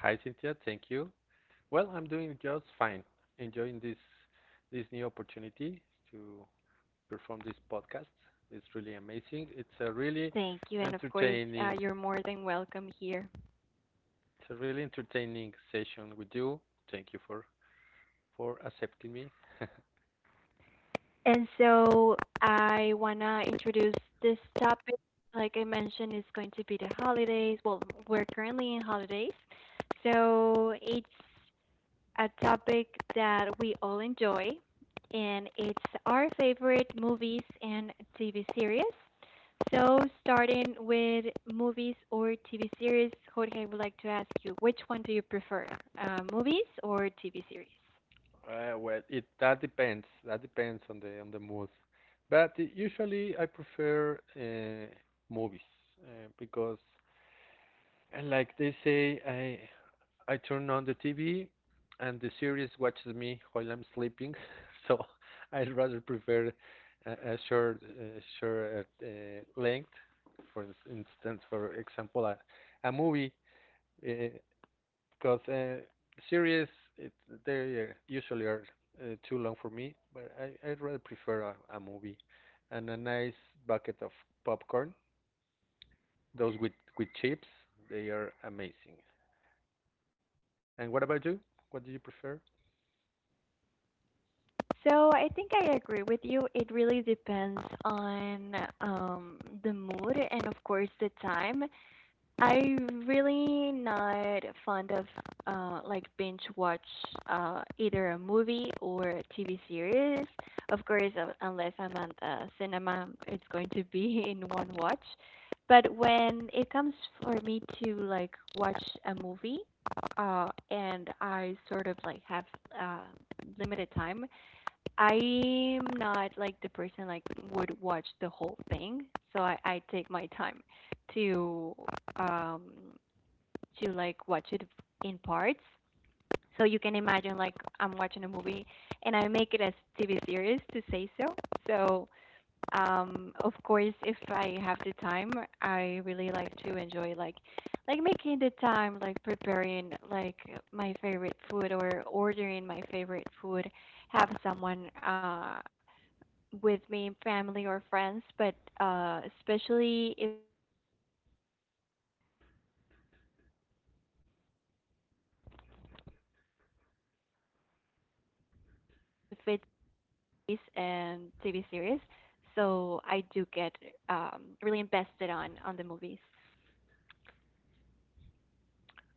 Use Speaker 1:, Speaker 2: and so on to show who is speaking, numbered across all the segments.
Speaker 1: Hi, Cynthia. Thank you. Well, I'm doing just fine. Enjoying this new opportunity to perform this podcast. It's really amazing. Entertaining it's a really entertaining session with you. Thank you for accepting me. Well, it that depends. That depends on the mood. But usually I prefer movies, because, and like they say, I turn on the TV and the series watches me while I'm sleeping, so I'd rather prefer a short length. For for example, a movie, uh, because series, it, they usually are too long for me, but I'd rather prefer a movie and a nice bucket of popcorn. Those with chips, they are amazing. And what about you? What do you prefer?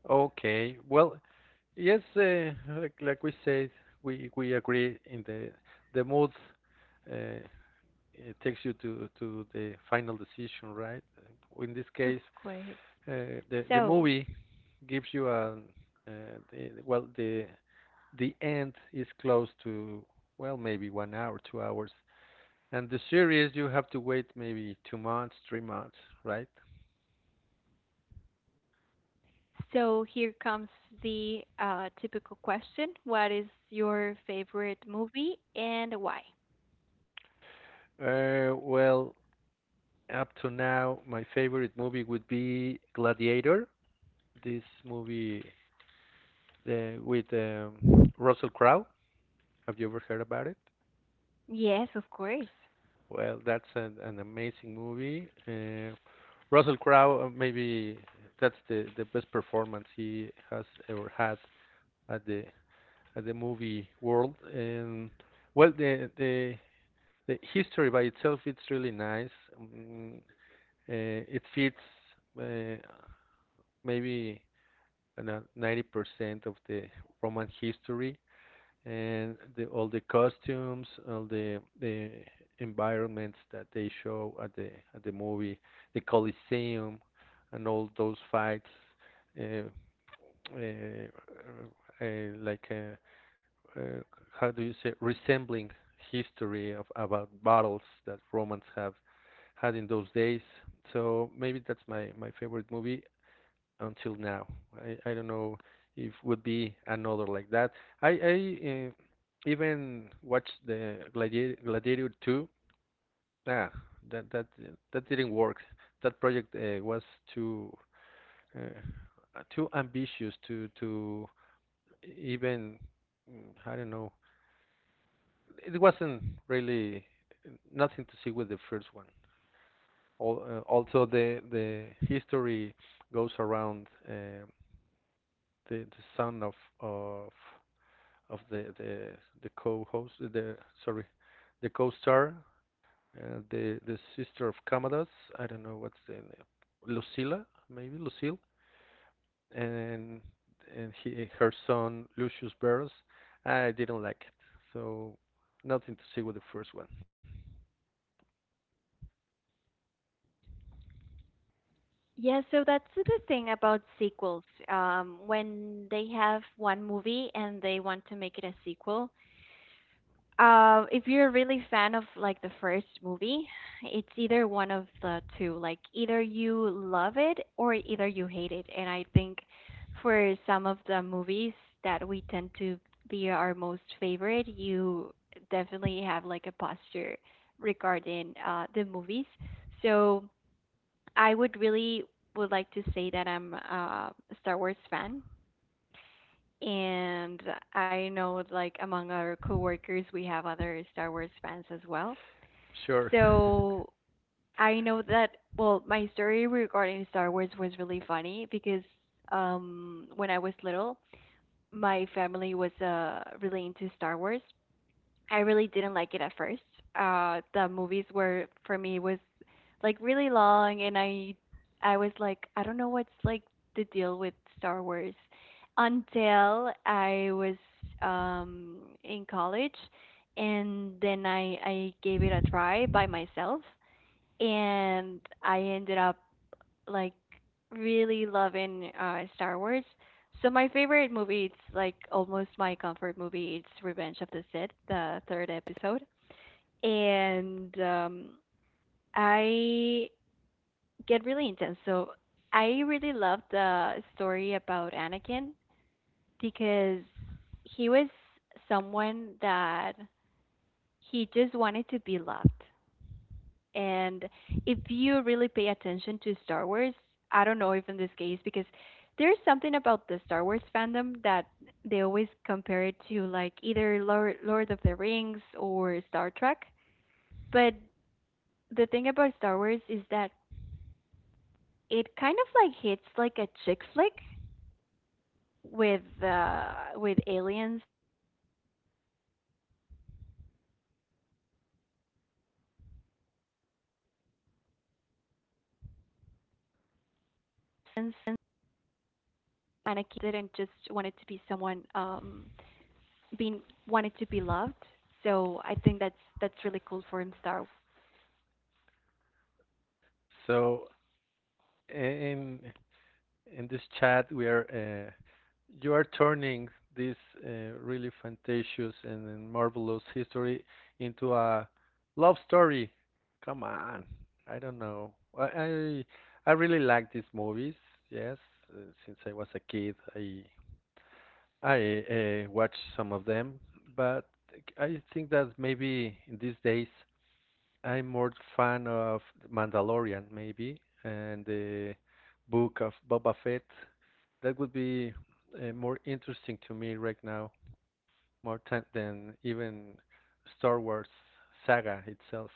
Speaker 1: Okay. Well, yes, like we said, we agree in the mood, uh, it takes you to the final decision, right? In this case, the movie gives you a, uh, well, the end is close to, well, maybe 1 hour, 2 hours, and the series you have to wait maybe 2 months, 3 months, right? Well, up to now, my favorite movie would be Gladiator. This movie, the, with Russell Crowe. Have you ever heard about it? Well, that's an amazing movie. Russell Crowe, maybe that's the best performance he has ever had at the movie world. And, well, the history by itself, it's really nice. Um, uh, it fits, uh, maybe, 90% of the Roman history, and the, all the costumes, all the environments that they show at the movie, the Colosseum, and all those fights, uh, uh, uh, like uh, uh, how do you say, resembling history of about battles that Romans have had in those days. So maybe that's my favorite movie until now. I don't know if would be another like that. I even watched the Gladiator, Gladiator 2. Ah, that that that didn't work. That project was too, uh, too ambitious to even, I don't know. It wasn't really, nothing to see with the first one. Also, the history goes around, the son of of the co-host, the, sorry, the co-star, the sister of Camadas. I don't know what's the name. Lucilla, maybe Lucille. And and he, her son, Lucius Barros. I didn't like it, so nothing to see with the first one. Sure. So, and in this chat we are, you are turning this, uh, really fantastic and marvelous history into a love story. Come on. I don't know. i i, I really like these movies, yes. uh, since I was a kid, I watched some of them, but I think that maybe in these days, I'm more fan of Mandalorian maybe, and the Book of Boba Fett. That would be more interesting to me right now, more than even Star Wars saga itself.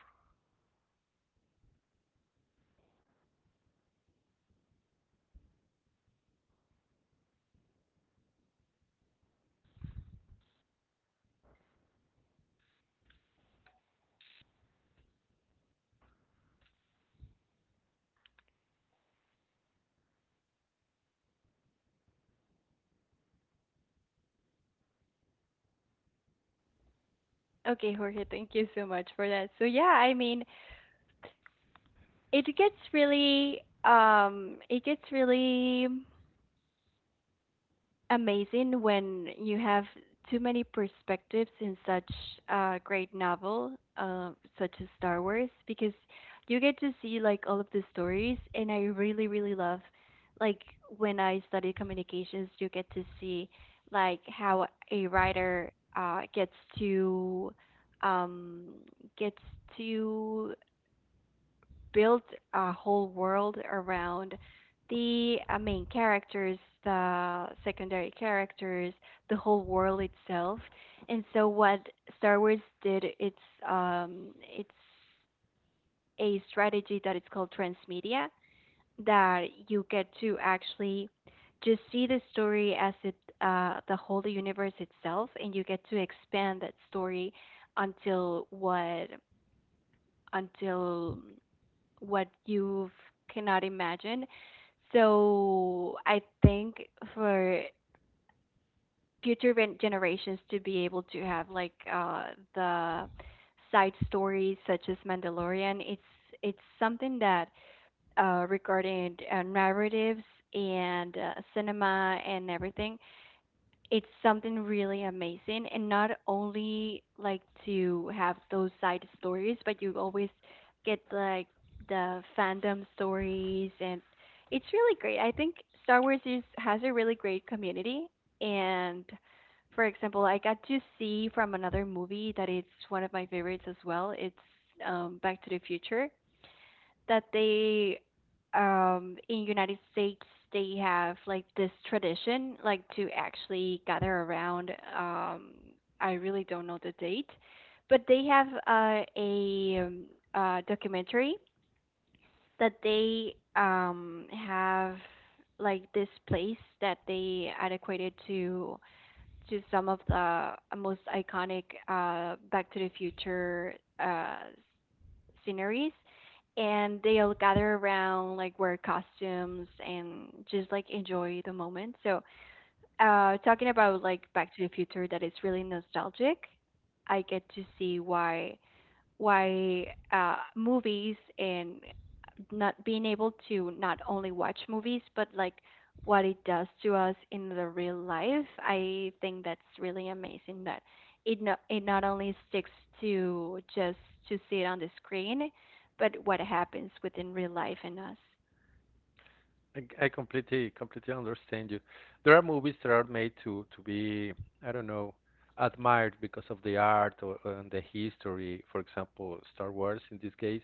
Speaker 1: I completely understand you. There are movies that are made to be, I don't know, admired because of the art or and the history. For example, Star Wars in this case,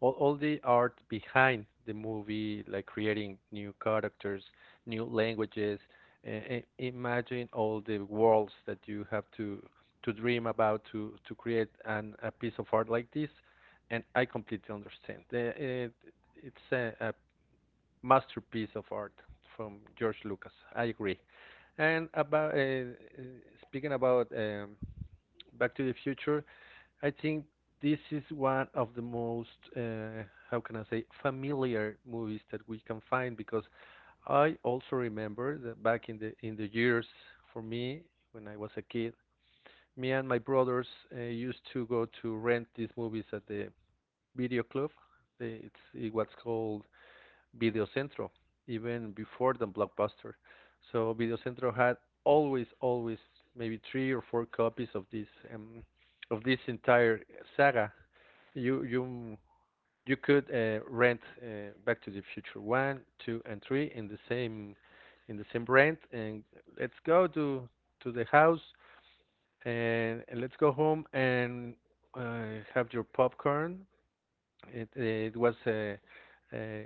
Speaker 1: all the art behind the movie, like creating new characters, new languages. Imagine all the worlds that you have to dream about to create an a piece of art like this. And I completely understand. It's a masterpiece of art from George Lucas. I agree. And about, speaking about Back to the Future, I think this is one of the most, uh, how can I say, familiar movies that we can find, because I also remember that back in the years, for me, when I was a kid, me and my brothers used to go to rent these movies at the video club. It was called Videocentro, even before the Blockbuster. So Videocentro had always, always maybe three or four copies of this, um, of this entire saga. You you you could rent, Back to the Future one, two, and three in the same, in the same rent, and let's go to the house, and let's go home and have your popcorn. It was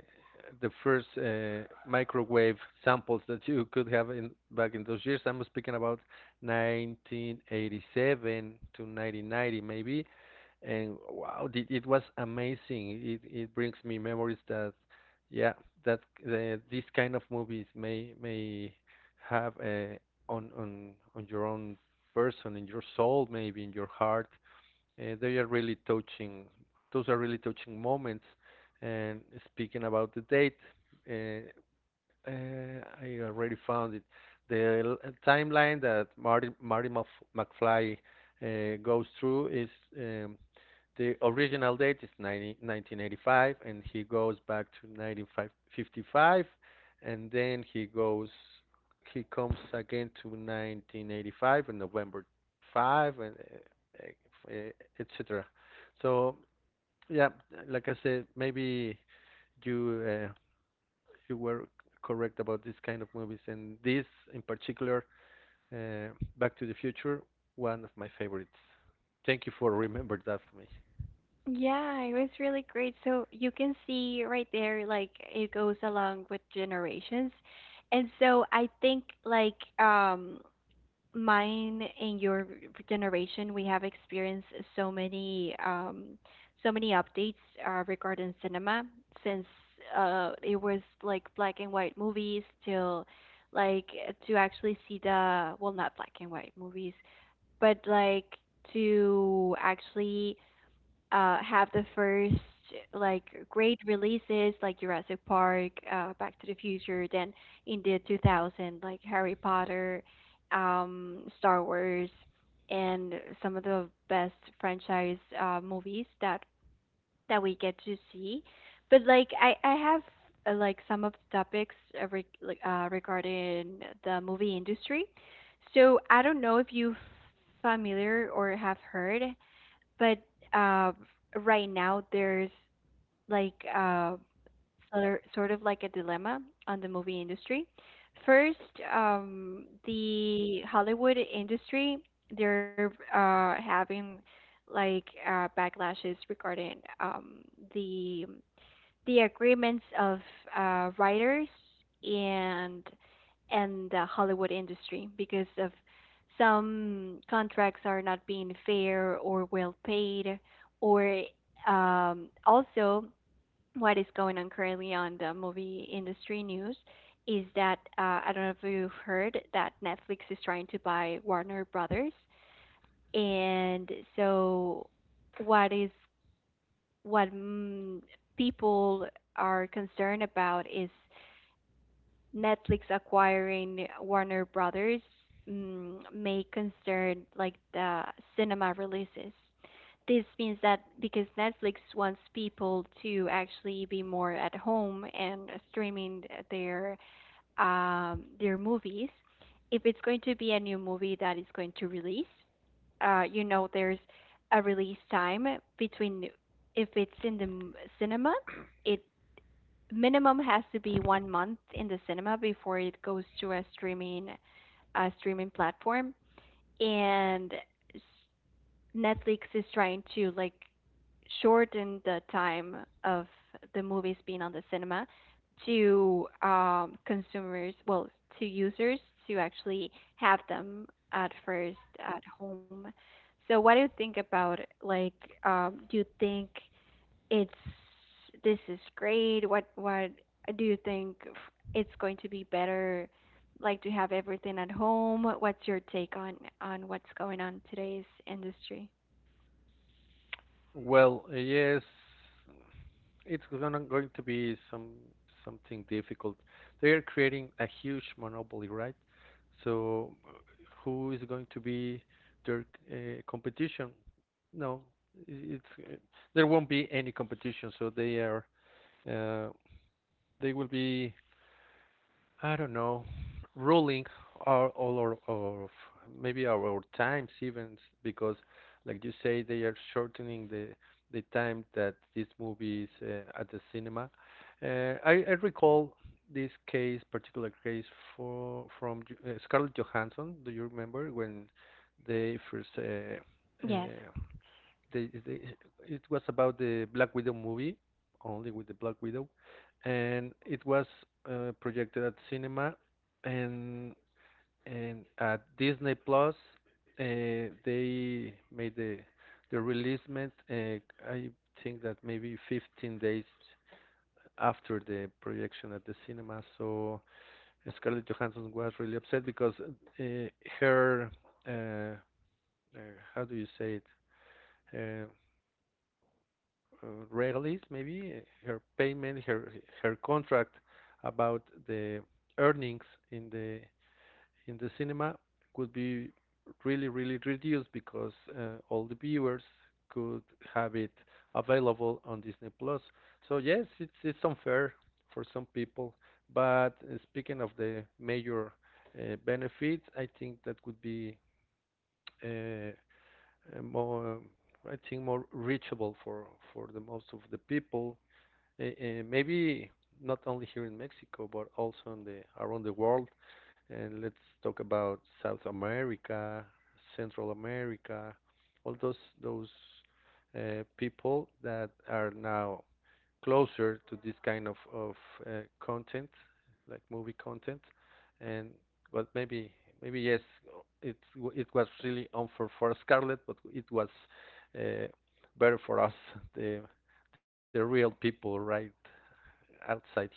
Speaker 1: the first microwave samples that you could have in back in those years. I'm speaking about 1987 to 1990 maybe, and wow, it was amazing. It brings me memories that, yeah, that, these kind of movies may have, on your own person, in your soul, maybe in your heart. They are really touching. Those are really touching moments. And speaking about the date, uh, I already found it. The, timeline that Marty, McFly goes through is, um, the original date is 1985, and he goes back to 1955, and then he comes again to 1985 in november 5, and uh, uh, etc. So, yeah, like I said, maybe you, you were correct about this kind of movies, and this in particular, uh, Back to the Future, one of my favorites. Thank you for remembering that for me. Well, yes, it's gonna going to be some, something difficult. They are creating a huge monopoly, right? So, who is going to be their competition? No, it's, there won't be any competition. So they are, uh, they will be, I don't know, ruling our of maybe our times even, because, like you say, they are shortening the time that these movies at the cinema. I recall this case, particular case, for from, Scarlett Johansson. Do you remember when they first, they, they, it was about the Black Widow movie, only with the Black Widow, and it was projected at cinema, and and at Disney Plus. They made the releasement. I think that maybe 15 days after the projection at the cinema. So Scarlett Johansson was really upset because, uh, her uh, how do you say it? Uh, uh, Release, maybe her payment, her her contract about the earnings in the cinema could be really really reduced because all the viewers could have it available on Disney Plus. So yes, it's unfair for some people, but speaking of the major benefits, I think that could be, uh, more, I think more reachable for the most of the people, maybe not only here in Mexico, but also in the around the world. And let's talk about South America, Central America, all those people that are now closer to this kind of content, like movie content, and but maybe, maybe yes, it it was really unfair for Scarlett, but it was uh, better for us the the real people, right? Outside here.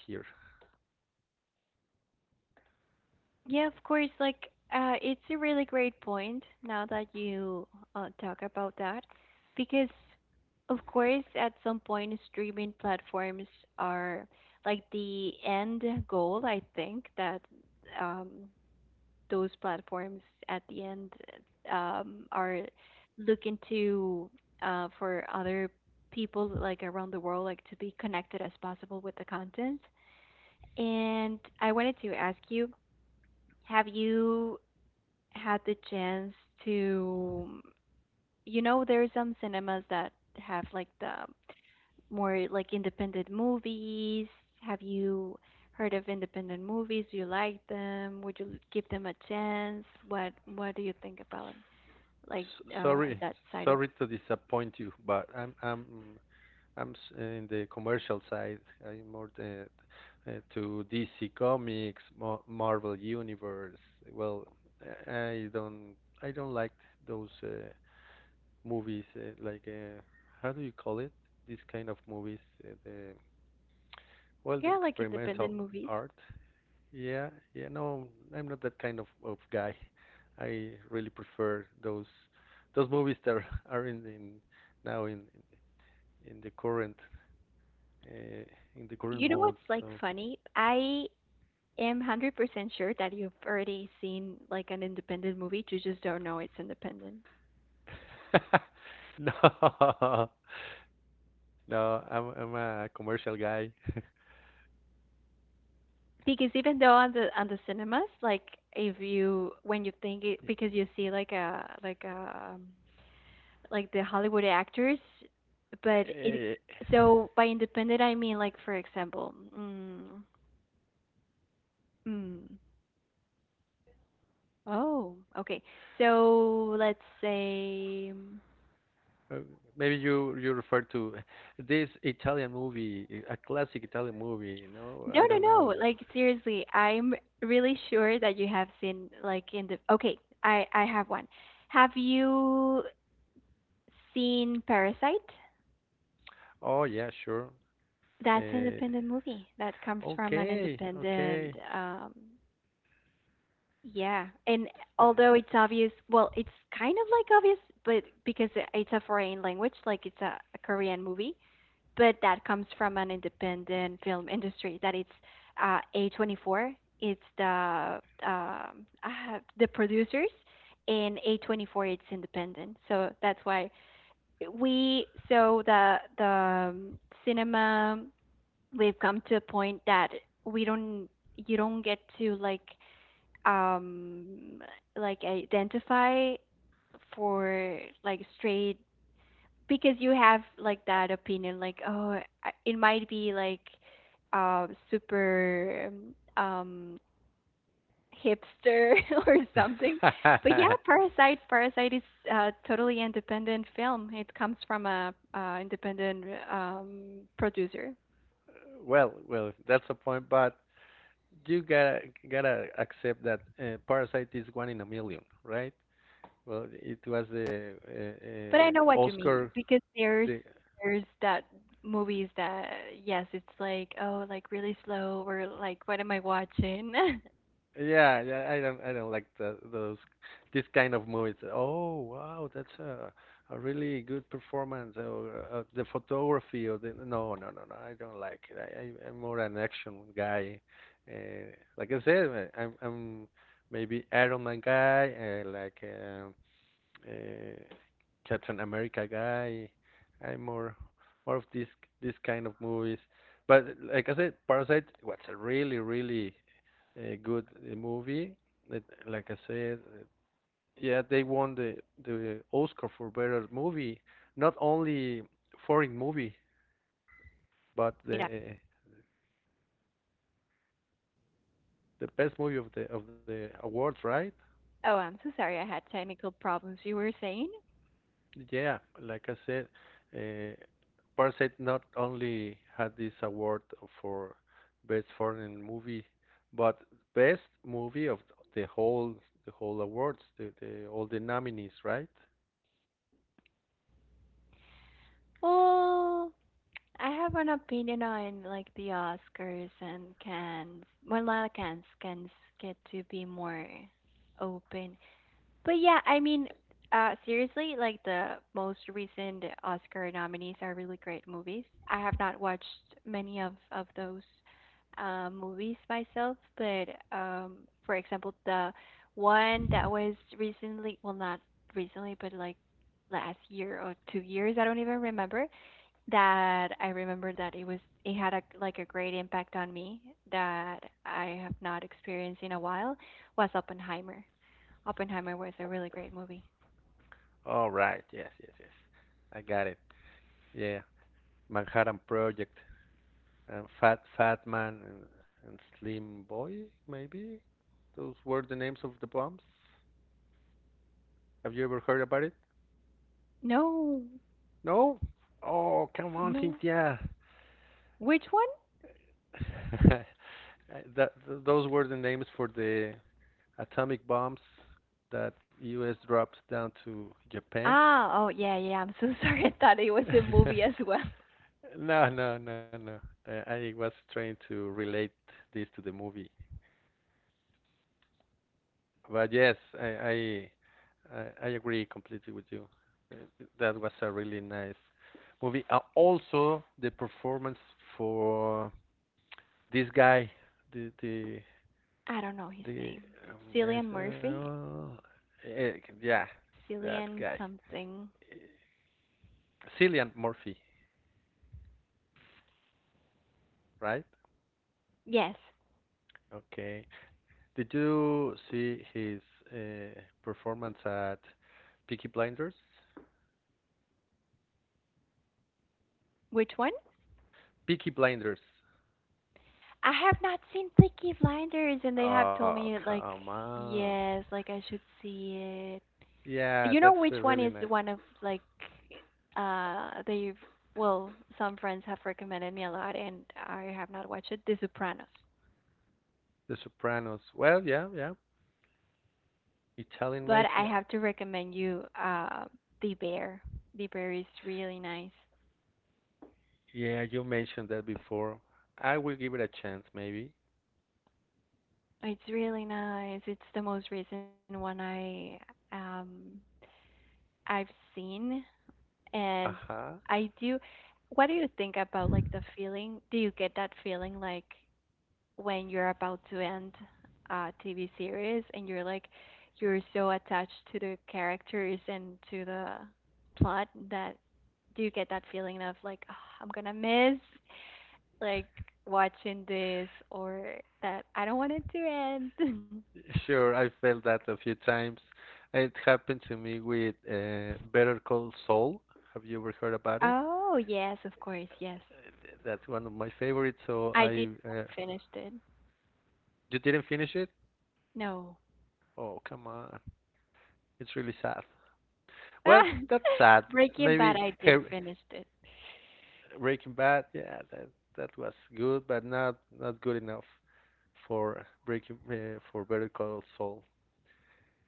Speaker 1: Sorry, sorry to disappoint you, but I'm in the commercial side. I'm more the, to DC Comics, Marvel Universe. Well, I don't, I don't like those movies, how do you call it? This kind of movies, uh, the the experimental art. Yeah, yeah, no, I'm not that kind of guy. I really prefer those movies that are, are in, now in the current, uh, in the current mode. So no, no, I'm a commercial guy. Eh, uh, Maybe you refer to this Italian movie, a classic Italian movie. You know, I don't know. Oh yeah, sure. Uh, okay, okay. Eh, well, well, that's a point, but you gotta accept that Parasite is one in a million, right? Well, it was the, Oscar, the. Yeah, yeah, I don't like this kind of movies. Oh, wow, that's a really good performance, or, the photography, or the. No, no, no, no, I don't like it. I'm more an action guy. Uh, like I said, I'm maybe Iron Man guy, uh, like uh, uh, Captain America guy. I'm more, more of this this kind of movies. But like I said, Parasite was a really really good movie. It, like I said, yeah, they won the Oscar for better movie, not only foreign movie, but the best movie of the awards, right? Yeah, like I said, uh, Parasite not only had this award for best foreign movie, but best movie of the whole the whole awards, the all the nominees, right? All right, yes, yes, yes. I got it. Yeah, Manhattan Project and Fat Man and Slim Boy, maybe? Those were the names of the bombs. Have you ever heard about it? No? Oh, come on, Cynthia. that those were the names for the atomic bombs that U.S. dropped down to Japan. No, no, no, no. I was trying to relate this to the movie, but yes, I agree completely with you. Uh, That was a really nice movie. Also, the performance for this guy, the the The Mr. eh, yeah, that guy, Cillian Murphy, right? Okay. Did you see his performance at Peaky Blinders? Peaky Blinders. Oh, come on. Yeah, that's really nice. The Sopranos. Well, yeah, yeah. Italian Mafia. Yeah, you mentioned that before. I will give it a chance, maybe. Uh huh. Sure, I felt that a few times. It happened to me with Better Call Saul. Have you ever heard about it? That's one of my favorites. So you didn't finish it? Oh, come on, it's really sad. Well, that's sad. Maybe Har- Breaking Bad. Yeah, that was good, but not good enough for Breaking for Better Call Saul.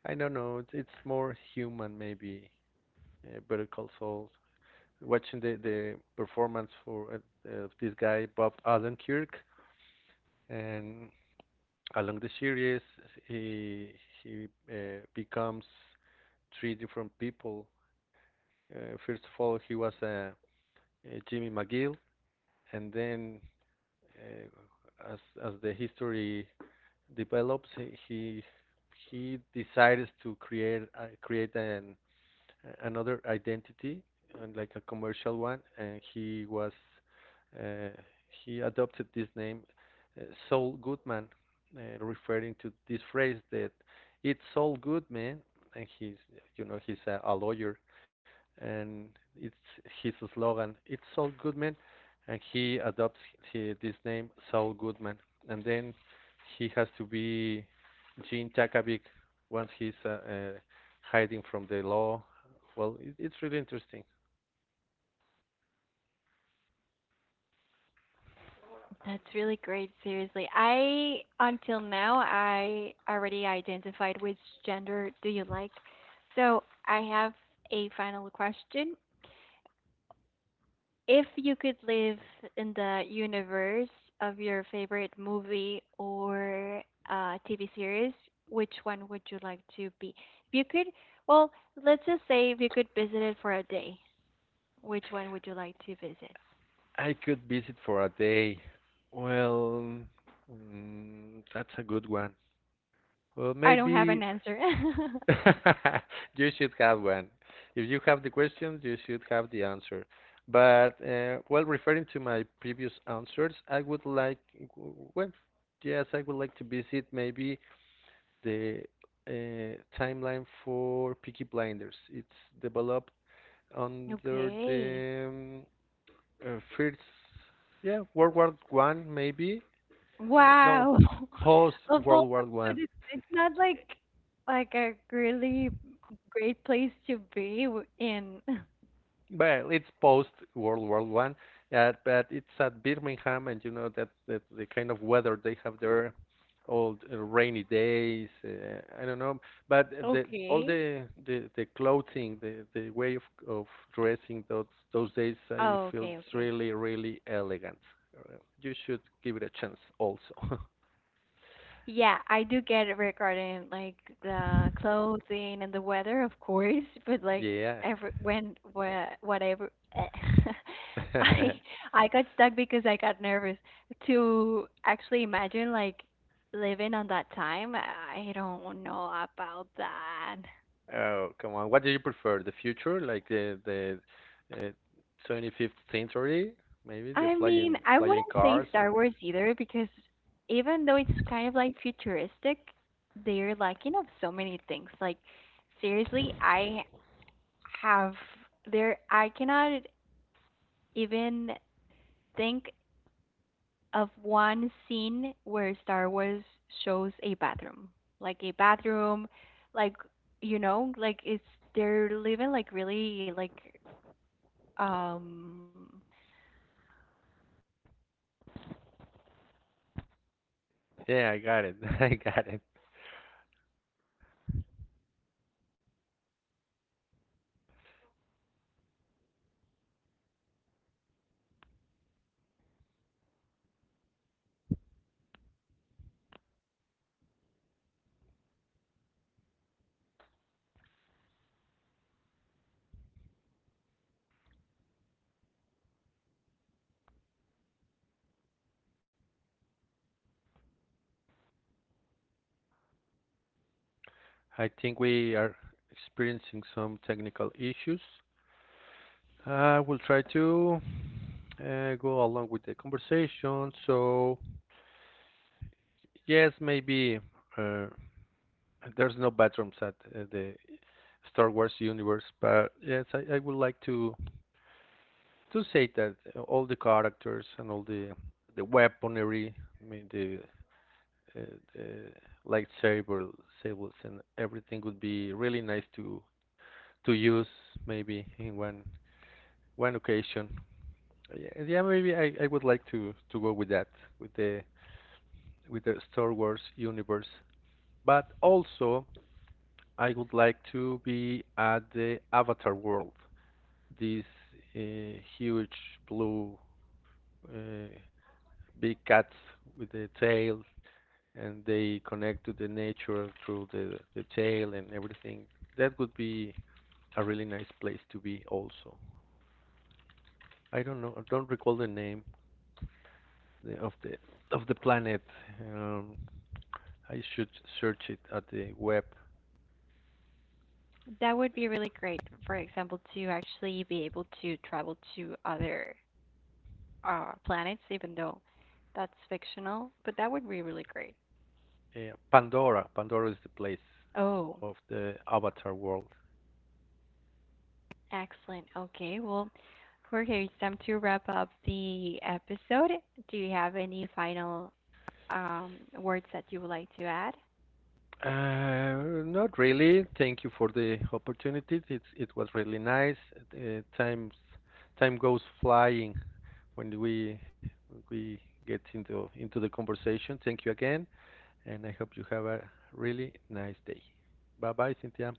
Speaker 1: I don't know. It's more human, maybe. Better Call Saul. Watching the performance for of this guy Bob Odenkirk, and along the series he he becomes three different people. First of all, he was a Jimmy McGill, and then uh, as as the history develops, he decides to create an another identity and like a commercial one, and he was uh, he adopted this name uh, Saul Goodman, referring to this phrase that it's all good, man. And he's you know he's a lawyer, and it's his slogan. It's Saul Goodman, and this name Saul Goodman, and then he has to be Gene Takavic once he's hiding from the law. Well, it's really interesting. I could visit for a day. Well, mm, that's a good one. Well, maybe you should have one. If you have the questions, you should have the answer. But while referring to my previous answers, I would like, well, yes, I would like to visit maybe the timeline for Peaky Blinders. It's developed under uh, first, yeah, World War One maybe. No, post World War One. Well, it's post World War One, but it's at Birmingham, and you know that the kind of weather they have there, all the rainy days. I don't know, but the all the clothing, the way of dressing those days, I feel it's really elegant. You should give it a chance also. Yeah. Oh, come on. What do you prefer? The future, like the uh, 25th century, maybe the flying cars and yeah, I got it. I got it. I think we are experiencing some technical issues. I will try to go along with the conversation. So, yes, maybe uh, there's no bathrooms at the Star Wars universe, but yes, I would like to say that all the characters and all the weaponry, I mean uh, the lightsaber, sables and everything would be really nice to use maybe in one occasion. Yeah, yeah, maybe I would like to go with that with the with the Star Wars universe. But also I would like to be at the Avatar world. This huge blue uh, big cats with the tail and they connect to the nature through the tail and everything. That would be a really nice place to be also. I don't know, I don't recall the name of the of the planet. Um, I should search it at the web.
Speaker 2: That would be really great, for example, to actually be able to travel to other planets, even though that's fictional, but that would be really great.
Speaker 1: Pandora, Pandora is the place
Speaker 2: Oh,
Speaker 1: of the Avatar world.
Speaker 2: excellent. Okay, well, Jorge, it's time to wrap up the episode. Do you have any final words that you would like to add?
Speaker 1: Not really. Thank you for the opportunity. It was really nice. Uh, time time goes flying when we get into the conversation. Thank you again, and I hope you have a really nice day. Bye bye, Cynthia.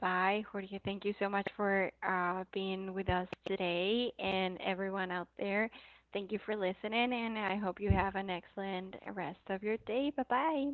Speaker 2: Bye, Jorge. Thank you so much for being with us today and everyone out there. Thank you for listening, and I hope you have an excellent rest of your day. Bye bye.